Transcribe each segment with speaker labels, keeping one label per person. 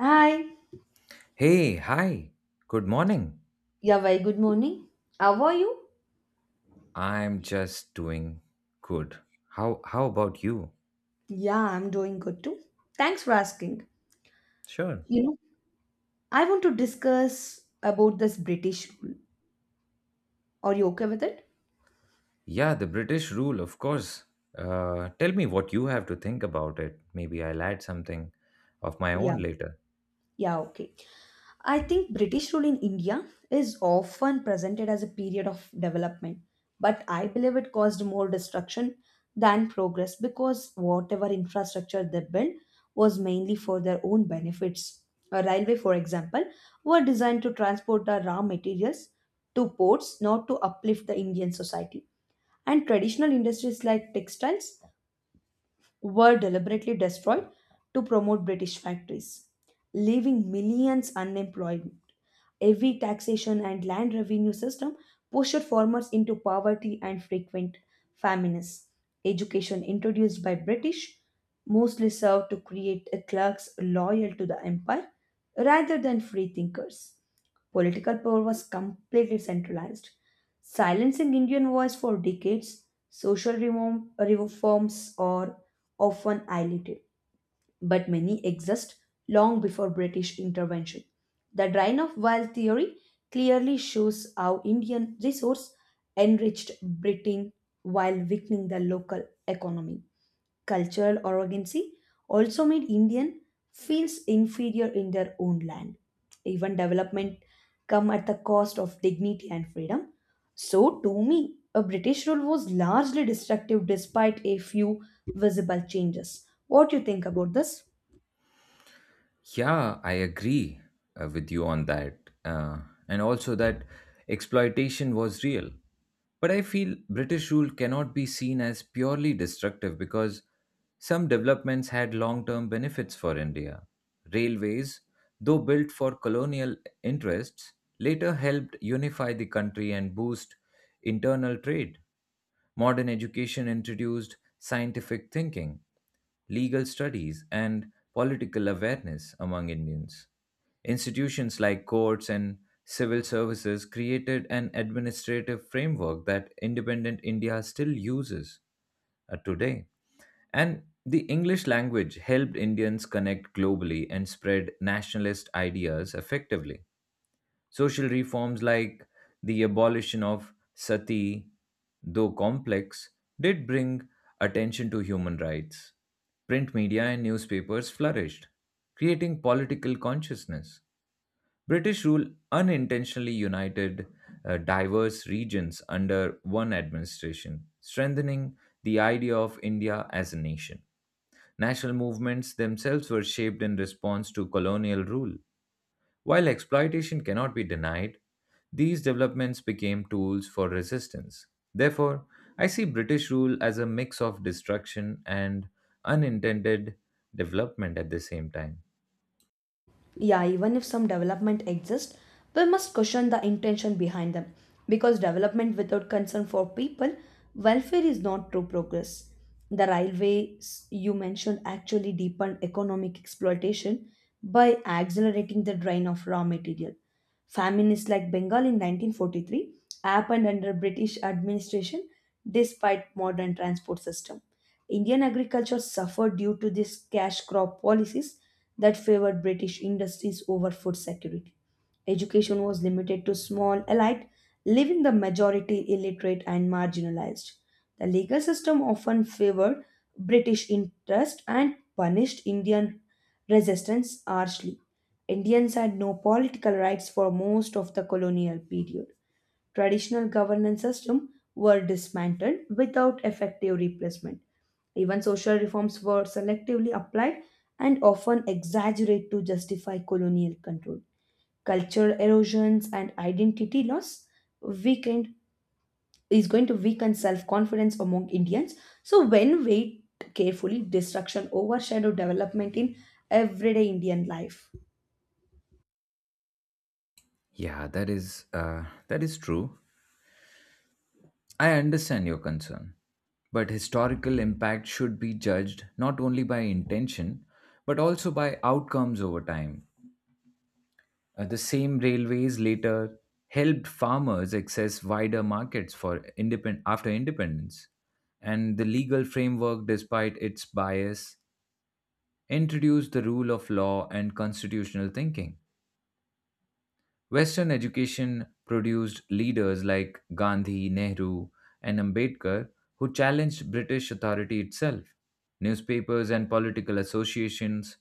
Speaker 1: Hi.
Speaker 2: Hey, hi. Good morning.
Speaker 1: Yeah, very good morning. How are you?
Speaker 2: I'm just doing good. How about you?
Speaker 1: Yeah, I'm doing good too. Thanks for asking.
Speaker 2: Sure.
Speaker 1: You know, I want to discuss about this British rule. Are you okay with it?
Speaker 2: Yeah, the British rule, of course. Tell me what you have to think about it. Maybe I'll add something of my
Speaker 1: Yeah.
Speaker 2: own later.
Speaker 1: Yeah, okay. I think British rule in India is often presented as a period of development, but I believe it caused more destruction than progress because whatever infrastructure they built was mainly for their own benefits. A railway, for example, were designed to transport the raw materials to ports, not to uplift the Indian society. And traditional industries like textiles were deliberately destroyed to promote British factories, leaving millions unemployed. Heavy taxation and land revenue system pushed farmers into poverty and frequent famines. Education introduced by British mostly served to create clerks loyal to the empire rather than free thinkers. Political power was completely centralized, silencing Indian voice for decades. Social reform, reforms or often isolated, but many exist long before British intervention. The drain of wild theory clearly shows how Indian resource enriched Britain while weakening the local economy cultural arrogancy also made Indian feels inferior in their own land. Even development come at the cost of dignity and freedom. So to me, a British rule was largely destructive despite a few visible changes. What do you think about this?
Speaker 2: Yeah, I agree with you on that. Uh, and also that exploitation was real. But I feel British rule cannot be seen as purely destructive because some developments had long term benefits for India. Railways, though built for colonial interests, later helped unify the country and boost internal trade. Modern education introduced scientific thinking, legal studies, and political awareness among Indians. Institutions like courts and civil services created an administrative framework that independent India still uses today. And the English language helped Indians connect globally and spread nationalist ideas effectively. Social reforms like the abolition of sati, though complex, did bring attention to human rights. Print media and newspapers flourished, creating political consciousness. British rule unintentionally united diverse regions under one administration, strengthening the idea of India as a nation. National movements themselves were shaped in response to colonial rule while exploitation cannot be denied, these developments became tools for resistance. Therefore, I see British rule as a mix of destruction and unintended development at the same time.
Speaker 1: Yeah, even if some development exists, we must question the intention behind them because development without concern for people welfare is not true progress. The railways you mentioned actually deepened economic exploitation by accelerating the drain of raw material. Famines like Bengal in 1943 happened under British administration despite modern transport system. Indian agriculture suffered due to these cash crop policies that favored British industries over food security. Education was limited to small elite, leaving the majority illiterate and marginalized. The legal system often favored British interest and punished Indian resistance harshly. Indians had no political rights for most of the colonial period. Traditional governance systems were dismantled without effective replacement. Even social reforms were selectively applied and often exaggerated to justify colonial control. Cultural erosions and identity loss weakened is going to weaken self-confidence among Indians. So when weighed carefully, destruction overshadowed development in everyday Indian life.
Speaker 2: Yeah, that is true. I understand your concern, but historical impact should be judged not only by intention but also by outcomes over time. The same railways later helped farmers access wider markets for after independence, and the legal framework, despite its bias, introduced the rule of law and constitutional thinking. Western education produced leaders like Gandhi, Nehru, and Ambedkar who challenged British authority itself. Newspapers and political associations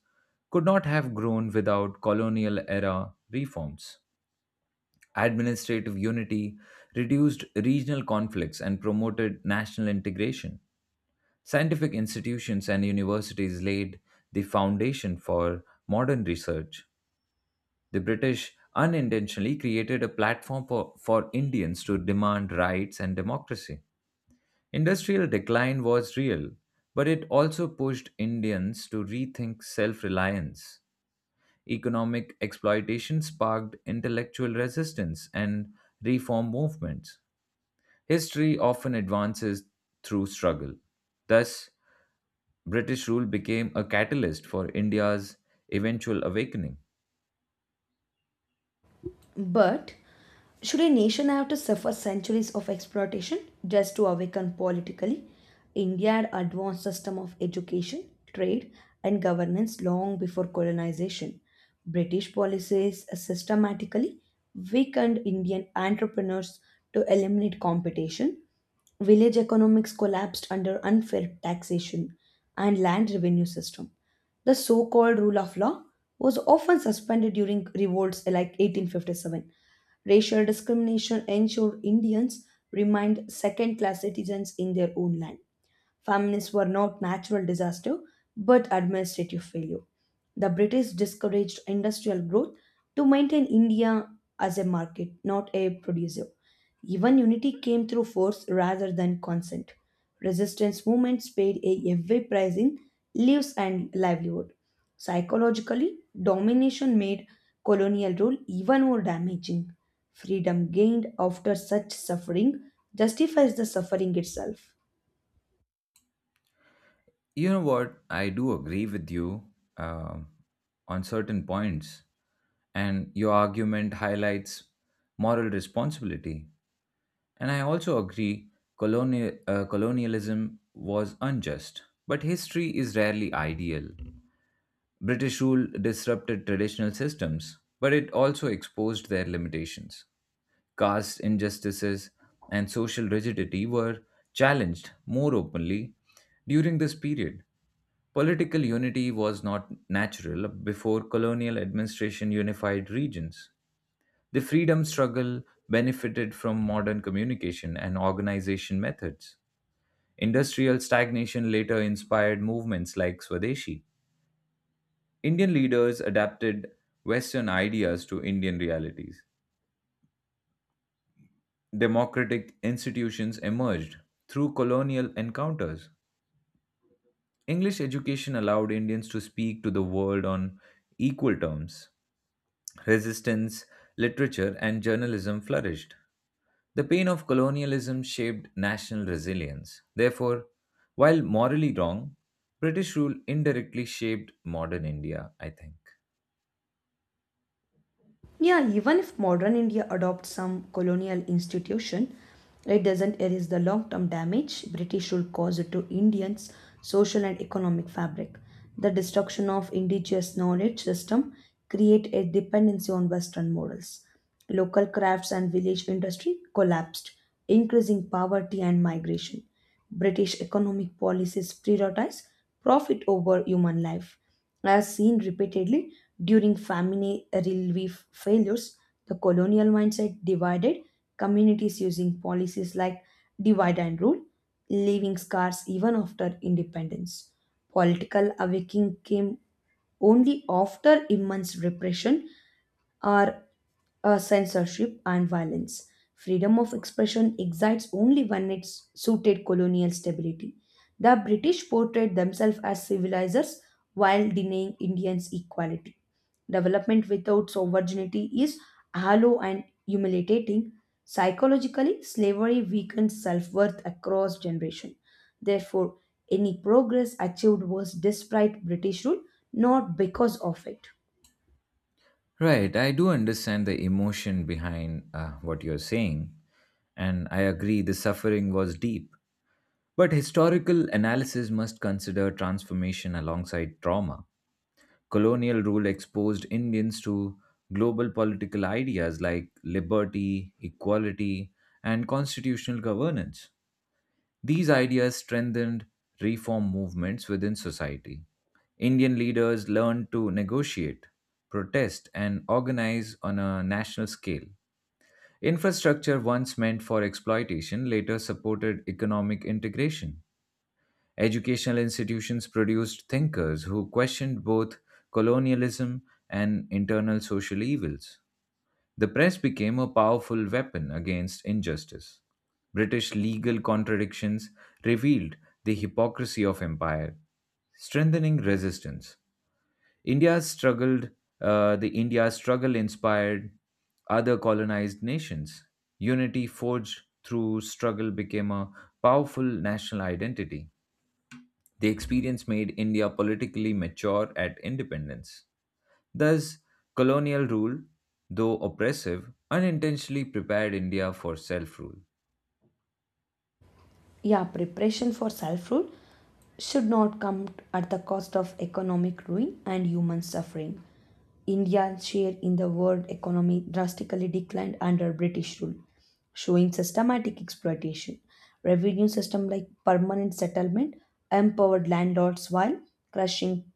Speaker 2: could not have grown without colonial era reforms. Administrative unity, reduced regional conflicts, and promoted national integration. Scientific institutions and universities laid the foundation for modern research. The British unintentionally created a platform for Indians to demand rights and democracy. Industrial decline was real, but it also pushed Indians to rethink self reliance. Economic exploitation sparked intellectual resistance and reform movements. History often advances through struggle. Thus, British rule became a catalyst for India's eventual awakening.
Speaker 1: But should a nation have to suffer centuries of exploitation just to awaken politically? India had advanced system of education, trade, and governance long before colonization. British policies systematically weakened Indian entrepreneurs to eliminate competition. Village economics collapsed under unfair taxation and land revenue system. The so-called rule of law was often suspended during revolts like 1857. Racial discrimination ensured Indians remained second class citizens in their own land. Famines were not natural disaster but administrative failure. The British discouraged industrial growth to maintain India as a market, not a producer. Even unity came through force rather than consent. Resistance movements paid a heavy price in lives and livelihood. Psychologically, domination made colonial rule even more damaging. Freedom gained after such suffering justifies the suffering itself.
Speaker 2: You know what? I do agree with you um, on certain points, and your argument highlights moral responsibility. And I also agree colonialism was unjust, but history is rarely ideal. British rule disrupted traditional systems, but it also exposed their limitations. Caste injustices, and social rigidity were challenged more openly during this period. Political unity was not natural before colonial administration unified regions. The freedom struggle benefited from modern communication and organization methods. Industrial stagnation later inspired movements like Swadeshi. Indian leaders adapted Western ideas to Indian realities. Democratic institutions emerged through colonial encounters. English education allowed Indians to speak to the world on equal terms. Resistance, literature, and journalism flourished. The pain of colonialism shaped national resilience. Therefore, while morally wrong, British rule indirectly shaped modern India, I think.
Speaker 1: Yeah, even if modern India adopts some colonial institution, it doesn't erase the long term damage British rule caused to Indians' social and economic fabric. The destruction of indigenous knowledge system create a dependency on Western models. Local crafts and village industry collapsed, increasing poverty and migration. British economic policies prioritize profit over human life. As seen repeatedly during famine relief failures, the colonial mindset divided communities using policies like divide and rule, leaving scars even after independence. Political awakening came only after immense repression or censorship and violence. Freedom of expression exists only when it suited colonial stability. The British portrayed themselves as civilizers while denying Indians equality. Development without sovereignty is hollow and humiliating. Psychologically, slavery weakened self worth across generations. Therefore, any progress achieved was despite British rule, not because of it.
Speaker 2: Right, I do understand the emotion behind what you're saying, and I agree the suffering was deep. But historical analysis must consider transformation alongside trauma. Colonial rule exposed Indians to global political ideas like liberty, equality, and constitutional governance. These ideas strengthened reform movements within society. Indian leaders learned to negotiate, protest, and organize on a national scale. Infrastructure once meant for exploitation later supported economic integration. Educational institutions produced thinkers who questioned both colonialism and internal social evils. The press became a powerful weapon against injustice. British legal contradictions revealed the hypocrisy of empire, strengthening resistance. India struggled, the India struggle inspired other colonized nations. Unity forged through struggle became a powerful national identity. The experience made India politically mature at independence. Thus, colonial rule, though oppressive, unintentionally prepared India for self rule.
Speaker 1: Yeah, preparation for self rule should not come at the cost of economic ruin and human suffering. India's share in the world economy drastically declined under British rule, showing systematic exploitation. Revenue system like permanent settlement empowered landlords while crushing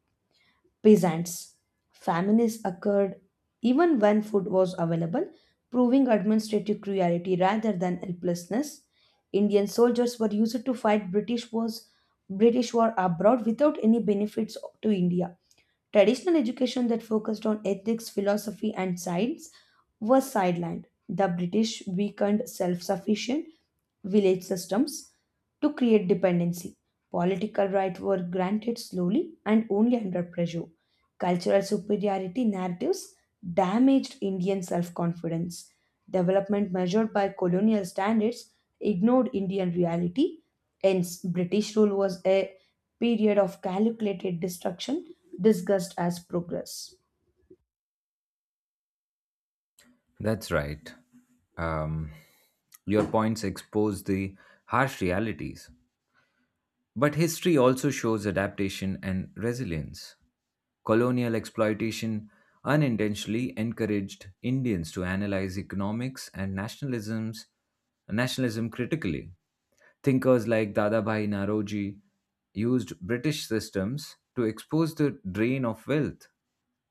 Speaker 1: peasants. Famines occurred even when food was available, proving administrative cruelty rather than helplessness. Indian soldiers were used to fight British wars, British war abroad without any benefits to India. Traditional education that focused on ethics, philosophy, and science was sidelined. The British weakened self sufficient village systems to create dependency. Political rights were granted slowly and only under pressure. Cultural superiority narratives damaged Indian self confidence. Development measured by colonial standards ignored Indian reality. Hence, British rule was a period of calculated destruction discussed as progress.
Speaker 2: That's right. Um, your points expose the harsh realities. But history also shows adaptation and resilience. Colonial exploitation unintentionally encouraged Indians to analyze economics and nationalism critically. Thinkers like Dadabhai Naroji used British systems to expose the drain of wealth.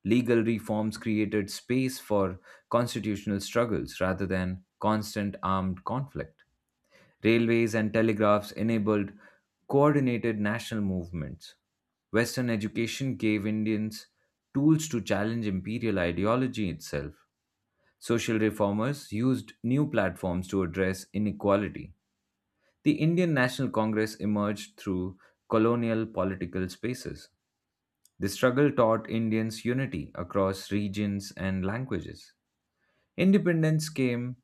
Speaker 2: Legal reforms created space for constitutional struggles rather than constant armed conflict. Railways and telegraphs enabled coordinated national movements. Western education gave Indians tools to challenge imperial ideology itself. Social reformers used new platforms to address inequality. The Indian National Congress emerged through colonial political spaces. The struggle taught Indians unity across regions and languages. Independence came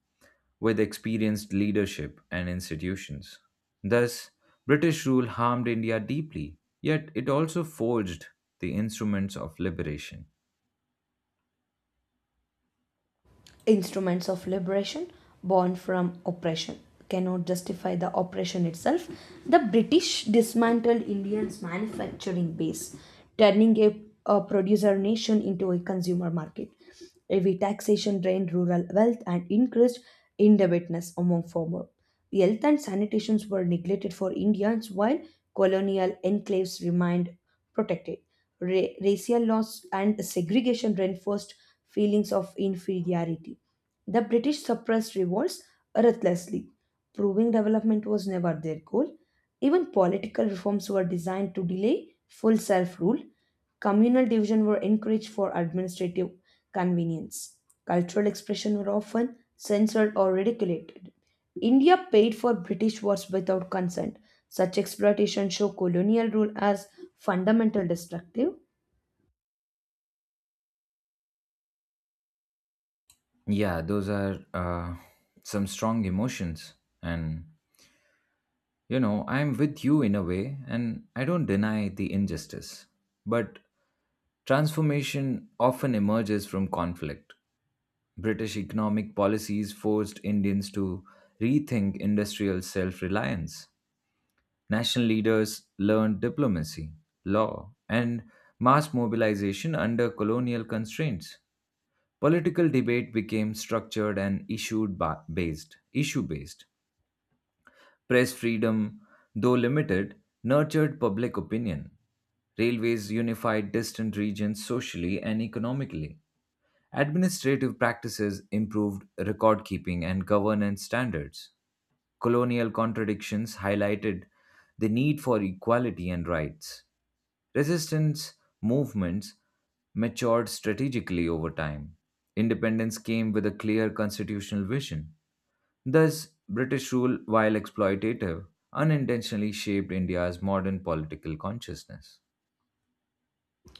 Speaker 2: with experienced leadership and institutions. Thus, British rule harmed India deeply, yet it also forged the instruments of liberation.
Speaker 1: Instruments of liberation born from oppression cannot justify the oppression itself. The British dismantled India's manufacturing base, turning a producer nation into a consumer market. Heavy taxation drained rural wealth and increased indebtedness among farmers. Health and sanitations were neglected for Indians while colonial enclaves remained protected. Racial laws and segregation reinforced feelings of inferiority. The British suppressed revolts ruthlessly, proving development was never their goal. Even political reforms were designed to delay full self rule. Communal division were encouraged for administrative convenience. Cultural expression were often censored or ridiculed. India paid for British wars without consent such exploitation show colonial rule as fundamental destructive.
Speaker 2: Yeah, those are some strong emotions. And, you know, I'm with you in a way, and I don't deny the injustice. But transformation often emerges from conflict. British economic policies forced Indians to rethink industrial self reliance. National leaders learned diplomacy, law, and mass mobilization under colonial constraints. Political debate became structured and based, issue based. Press freedom, though limited, nurtured public opinion. Railways unified distant regions socially and economically. Administrative practices improved record keeping and governance standards. Colonial contradictions highlighted the need for equality and rights. Resistance movements matured strategically over time. Independence came with a clear constitutional vision. Thus, British rule, while exploitative, unintentionally shaped India's modern political consciousness.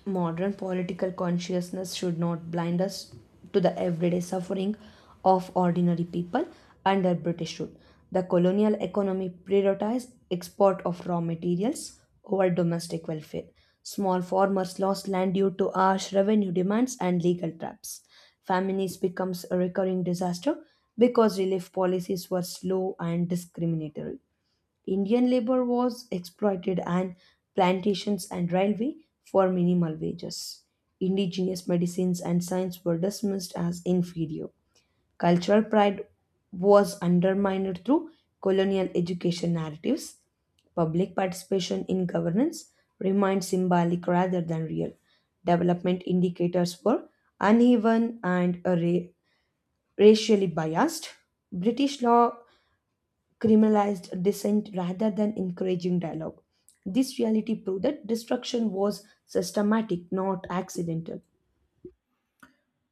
Speaker 1: Modern political consciousness should not blind us to the everyday suffering of ordinary people under British rule. The colonial economy prioritized export of raw materials over domestic welfare. Small farmers lost land due to harsh revenue demands and legal traps. Famines becomes a recurring disaster because relief policies were slow and discriminatory. Indian labor was exploited on plantations and railway for minimal wages. Indigenous medicines and science were dismissed as inferior. Cultural pride was undermined through colonial education narratives. Public participation in governance remained symbolic rather than real. Development indicators were uneven and racially biased. British law criminalized dissent rather than encouraging dialogue. This reality proved that destruction was systematic, not accidental.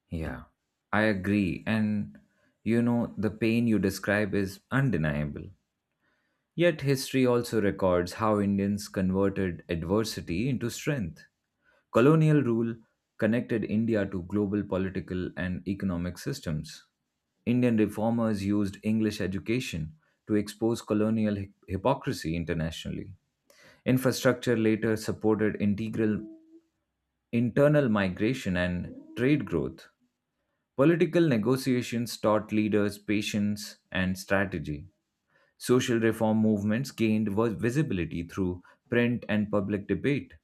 Speaker 2: Yeah, I agree. And you know, the pain you describe is undeniable. Yet, history also records how Indians converted adversity into strength. Colonial rule connected India to global political and economic systems. Indian reformers used English education to expose colonial hypocrisy internationally. Infrastructure later supported integral internal migration and trade growth. Political negotiations taught leaders patience and strategy. Social reform movements gained visibility through print and public debate.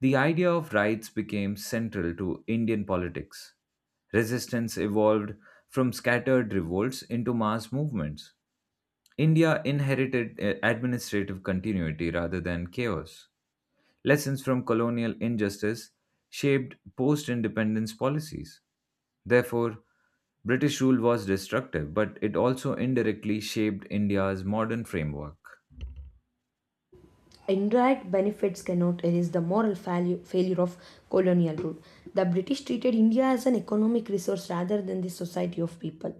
Speaker 2: The idea of rights became central to Indian politics. Resistance evolved from scattered revolts into mass movements. India inherited administrative continuity rather than chaos. Lessons from colonial injustice shaped post independence policies. Therefore, British rule was destructive, but it also indirectly shaped India's modern framework.
Speaker 1: Indirect benefits cannot erase the moral failure of colonial rule. The British treated India as an economic resource rather than the society of people.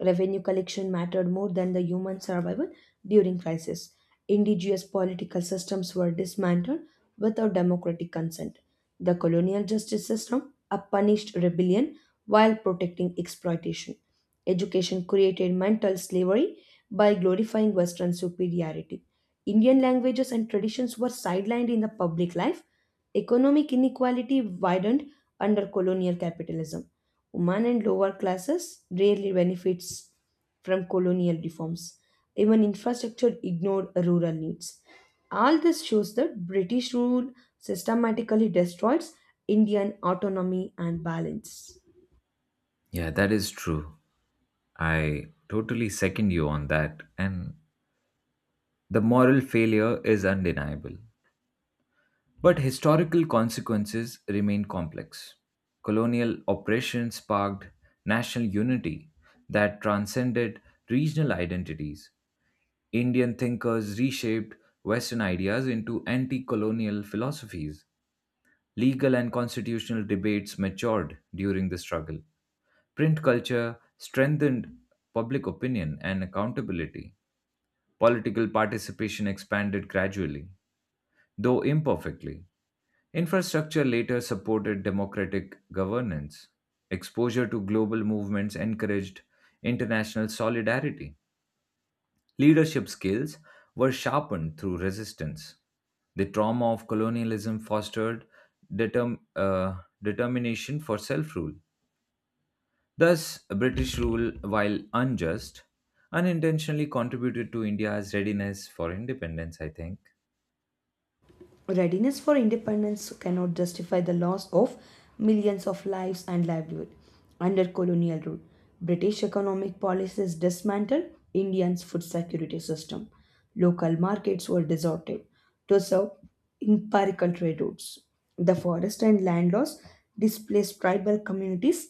Speaker 1: Revenue collection mattered more than the human survival during crisis. Indigenous political systems were dismantled without democratic consent. The colonial justice system punished rebellion while protecting exploitation. Education created mental slavery by glorifying Western superiority. Indian languages and traditions were sidelined in the public life. Economic inequality widened under colonial capitalism. Women and lower classes rarely benefits from colonial reforms. Even infrastructure ignored rural needs. All this shows that British rule systematically destroys Indian autonomy and balance.
Speaker 2: Yeah, that is true. I totally second you on that, and the moral failure is undeniable. But historical consequences remain complex. Colonial oppression sparked national unity that transcended regional identities. Indian thinkers reshaped Western ideas into anti colonial philosophies. Legal and constitutional debates matured during the struggle. Print culture strengthened public opinion and accountability. Political participation expanded gradually, though imperfectly. Infrastructure later supported democratic governance. Exposure to global movements encouraged international solidarity. Leadership skills were sharpened through resistance. The trauma of colonialism fostered determ- uh, determination for self rule. Thus, British rule, while unjust, unintentionally contributed to India's readiness for independence, I think.
Speaker 1: Readiness for independence cannot justify the loss of millions of lives and livelihood under colonial rule. British economic policies dismantled Indians food security system. Local markets were deserted to serve empirical trade routes. The forest and land laws displaced tribal communities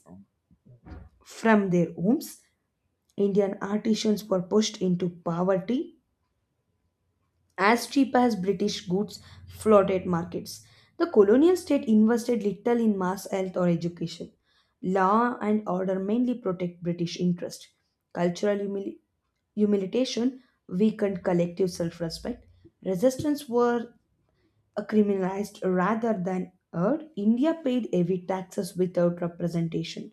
Speaker 1: from their homes. Indian artisans were pushed into poverty as cheap as British goods floated markets. The colonial state invested little in mass health or education. Law and order mainly protect British interest. Cultural humiliation weakened collective self respect. Resistance were criminalized rather than heard. India paid heavy taxes without representation.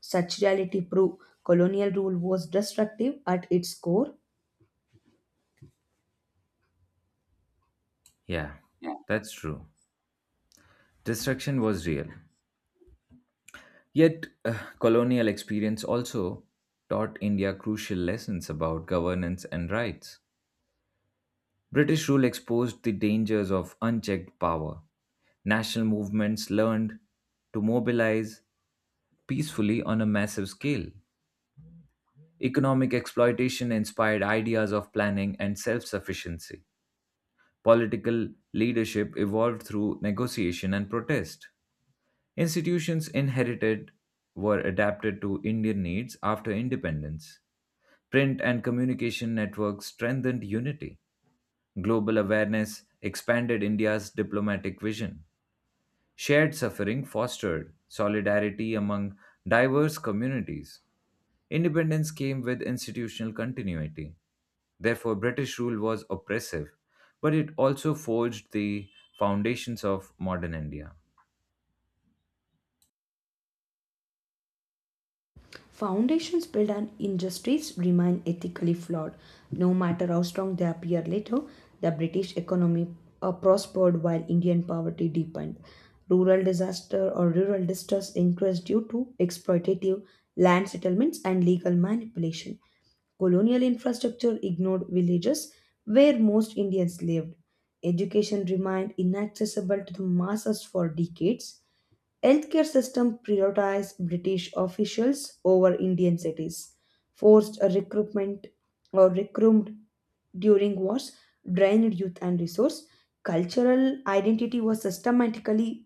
Speaker 1: Such reality proved colonial rule was destructive at its core.
Speaker 2: Yeah, that's true. Destruction was real. Yet, colonial experience also taught India crucial lessons about governance and rights. British rule exposed the dangers of unchecked power. National movements learned to mobilize peacefully on a massive scale. Economic exploitation inspired ideas of planning and self sufficiency. Political leadership evolved through negotiation and protest. Institutions inherited were adapted to Indian needs after independence. Print and communication networks strengthened unity. Global awareness expanded India's diplomatic vision. Shared suffering fostered solidarity among diverse communities. Independence came with institutional continuity. Therefore, British rule was oppressive, but it also forged the foundations of modern India.
Speaker 1: Foundations built on injustice remain ethically flawed. No matter how strong they appear later, the British economy prospered while Indian poverty deepened. Rural disaster or rural distress increased due to exploitative land settlements and legal manipulation. Colonial infrastructure ignored villages where most Indians lived. Education remained inaccessible to the masses for decades. Healthcare system prioritized British officials over Indian cities, forced a recruitment or recruited during wars, drained youth and resource. Cultural identity was systematically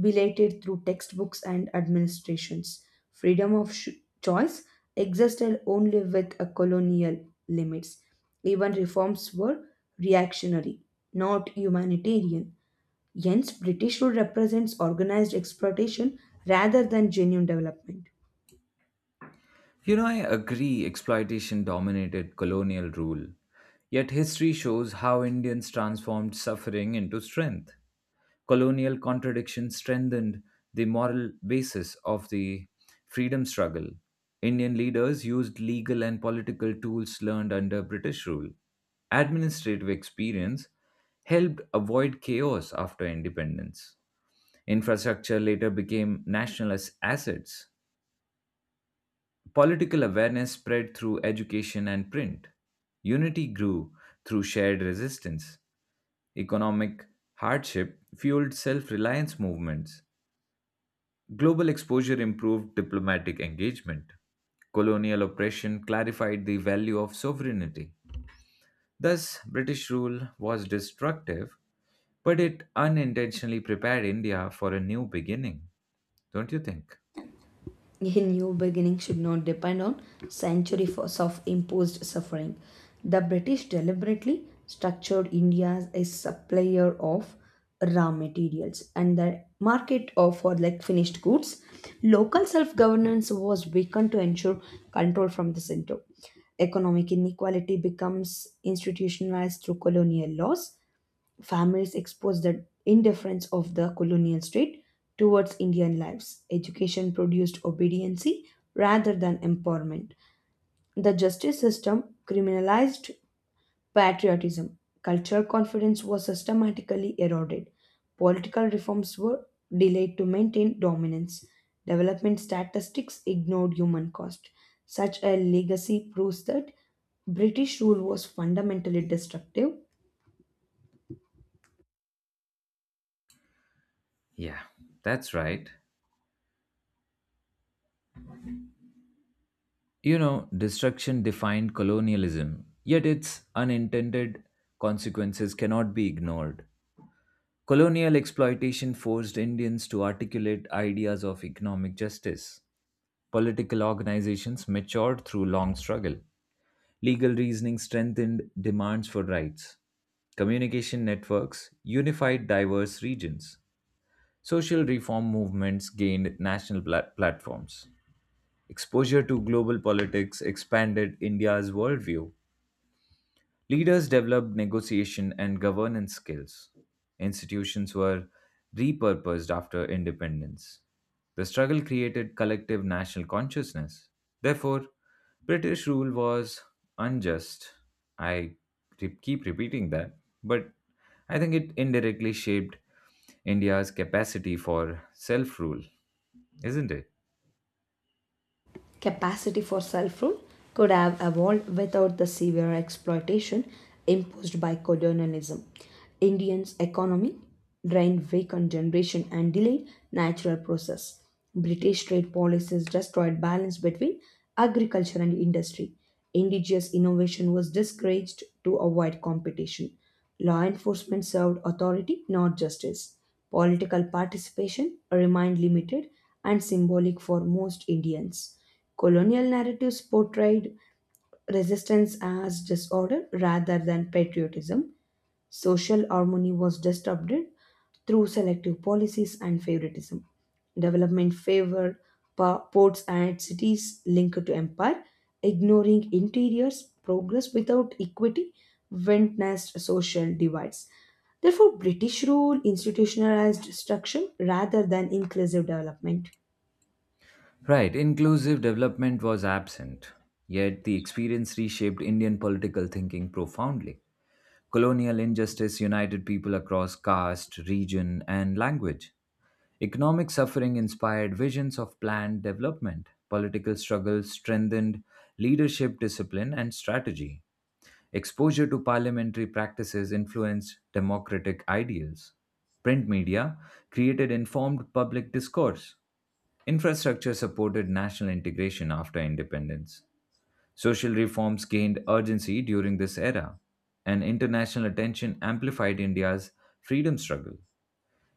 Speaker 1: belated through textbooks and administrations. Freedom of choice existed only with a colonial limits. Even reforms were reactionary, not humanitarian. Hence, British rule represents organized exploitation rather than genuine development.
Speaker 2: You know, I agree exploitation dominated colonial rule. Yet history shows how Indians transformed suffering into strength. Colonial contradiction strengthened the moral basis of the freedom struggle. Indian leaders used legal and political tools learned under British rule. Administrative experience helped avoid chaos after independence. Infrastructure later became national as assets. Political awareness spread through education and print. Unity grew through shared resistance. Economic hardship fueled self reliance movements. Global exposure improved diplomatic engagement. Colonial oppression clarified the value of sovereignty. Thus, British rule was destructive, but it unintentionally prepared India for a new beginning, don't you think?
Speaker 1: A new beginning should not depend on centuries of imposed suffering. The British deliberately structured India as a supplier of raw materials and the market of for like finished goods. Local self-governance was weakened to ensure control from the center. Economic inequality becomes institutionalized through colonial laws. Families expose the indifference of the colonial state towards Indian lives. Education produced obedience rather than empowerment. The justice system criminalized patriotism. Cultural confidence was systematically eroded. Political reforms were delayed to maintain dominance. Development statistics ignored human cost. Such a legacy proves that British rule was fundamentally destructive.
Speaker 2: Yeah, that's right. You know, destruction defined colonialism, yet its unintended consequences cannot be ignored. Colonial exploitation forced Indians to articulate ideas of economic justice. Political organizations matured through long struggle. Legal reasoning strengthened demands for rights. Communication networks unified diverse regions. Social reform movements gained national platforms. Exposure to global politics expanded India's worldview. Leaders developed negotiation and governance skills. Institutions were repurposed after independence. The struggle created collective national consciousness. Therefore, British rule was unjust. I keep repeating that, but I think it indirectly shaped India's capacity for self rule, isn't it?
Speaker 1: Capacity for self rule could have evolved without the severe exploitation imposed by colonialism. Indians' economy drained vacant generation and delayed natural process. British trade policies destroyed balance between agriculture and industry. Indigenous innovation was discouraged to avoid competition. Law enforcement served authority, not justice. Political participation remained limited and symbolic for most Indians. Colonial narratives portrayed resistance as disorder rather than patriotism. Social harmony was disrupted through selective policies and favoritism. Development favored ports and cities linked to empire, ignoring interiors. Progress without equity went nest social divides. Therefore, British rule institutionalized destruction rather than inclusive development.
Speaker 2: Right, inclusive development was absent, yet the experience reshaped Indian political thinking profoundly. Colonial injustice united people across caste, region, and language. Economic suffering inspired visions of planned development. Political struggles strengthened leadership discipline and strategy. Exposure to parliamentary practices influenced democratic ideals. Print media created informed public discourse. Infrastructure supported national integration after independence. Social reforms gained urgency during this era, and international attention amplified India's freedom struggle.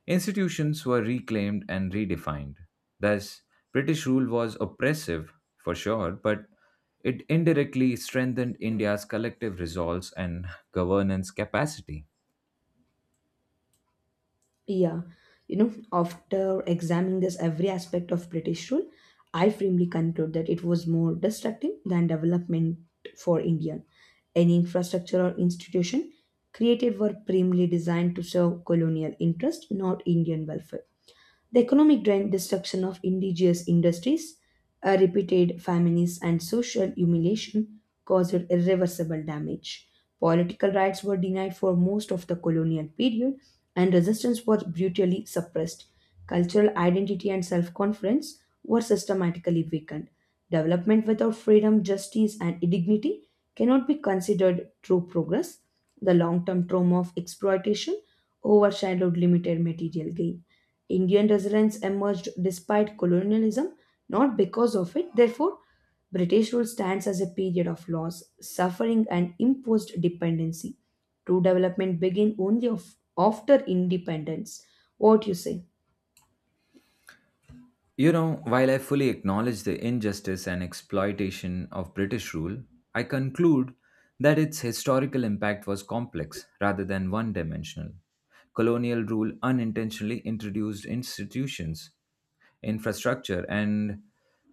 Speaker 2: Institutions were reclaimed and redefined. Thus, British rule was oppressive, for sure, but it indirectly strengthened India's collective resolve and governance capacity.
Speaker 1: Yeah, you know, after examining this every aspect of British rule, I firmly conclude that it was more destructive than development for India. Any infrastructure or institution created were primarily designed to serve colonial interest, not Indian welfare. The economic drain, destruction of indigenous industries, repeated famines, and social humiliation caused irreversible damage. Political rights were denied for most of the colonial period, and resistance was brutally suppressed. Cultural identity and self confidence were systematically weakened. Development without freedom, justice, and dignity cannot be considered true progress. The long term trauma of exploitation overshadowed limited material gain. Indian residents emerged despite colonialism, not because of it. Therefore, British rule stands as a period of loss, suffering, and imposed dependency. True development begins only of, after independence. What you say?
Speaker 2: You know, while I fully acknowledge the injustice and exploitation of British rule, I conclude that its historical impact was complex rather than one dimensional. Colonial rule unintentionally introduced institutions, infrastructure, and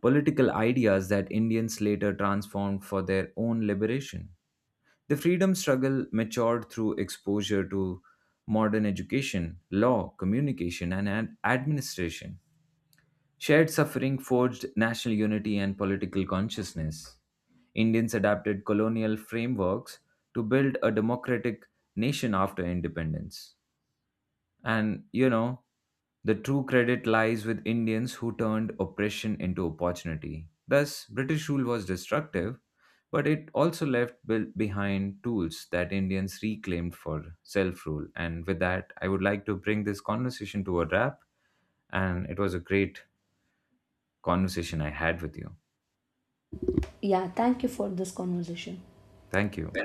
Speaker 2: political ideas that Indians later transformed for their own liberation. The freedom struggle matured through exposure to modern education, law, communication, and administration. Shared suffering forged national unity and political consciousness. Indians adapted colonial frameworks to build a democratic nation after independence. And, you know, the true credit lies with Indians who turned oppression into opportunity. Thus, British rule was destructive, but it also left behind tools that Indians reclaimed for self rule. And with that, I would like to bring this conversation to a wrap. And it was a great conversation I had with you.
Speaker 1: Yeah, thank you for this conversation.
Speaker 2: Thank you.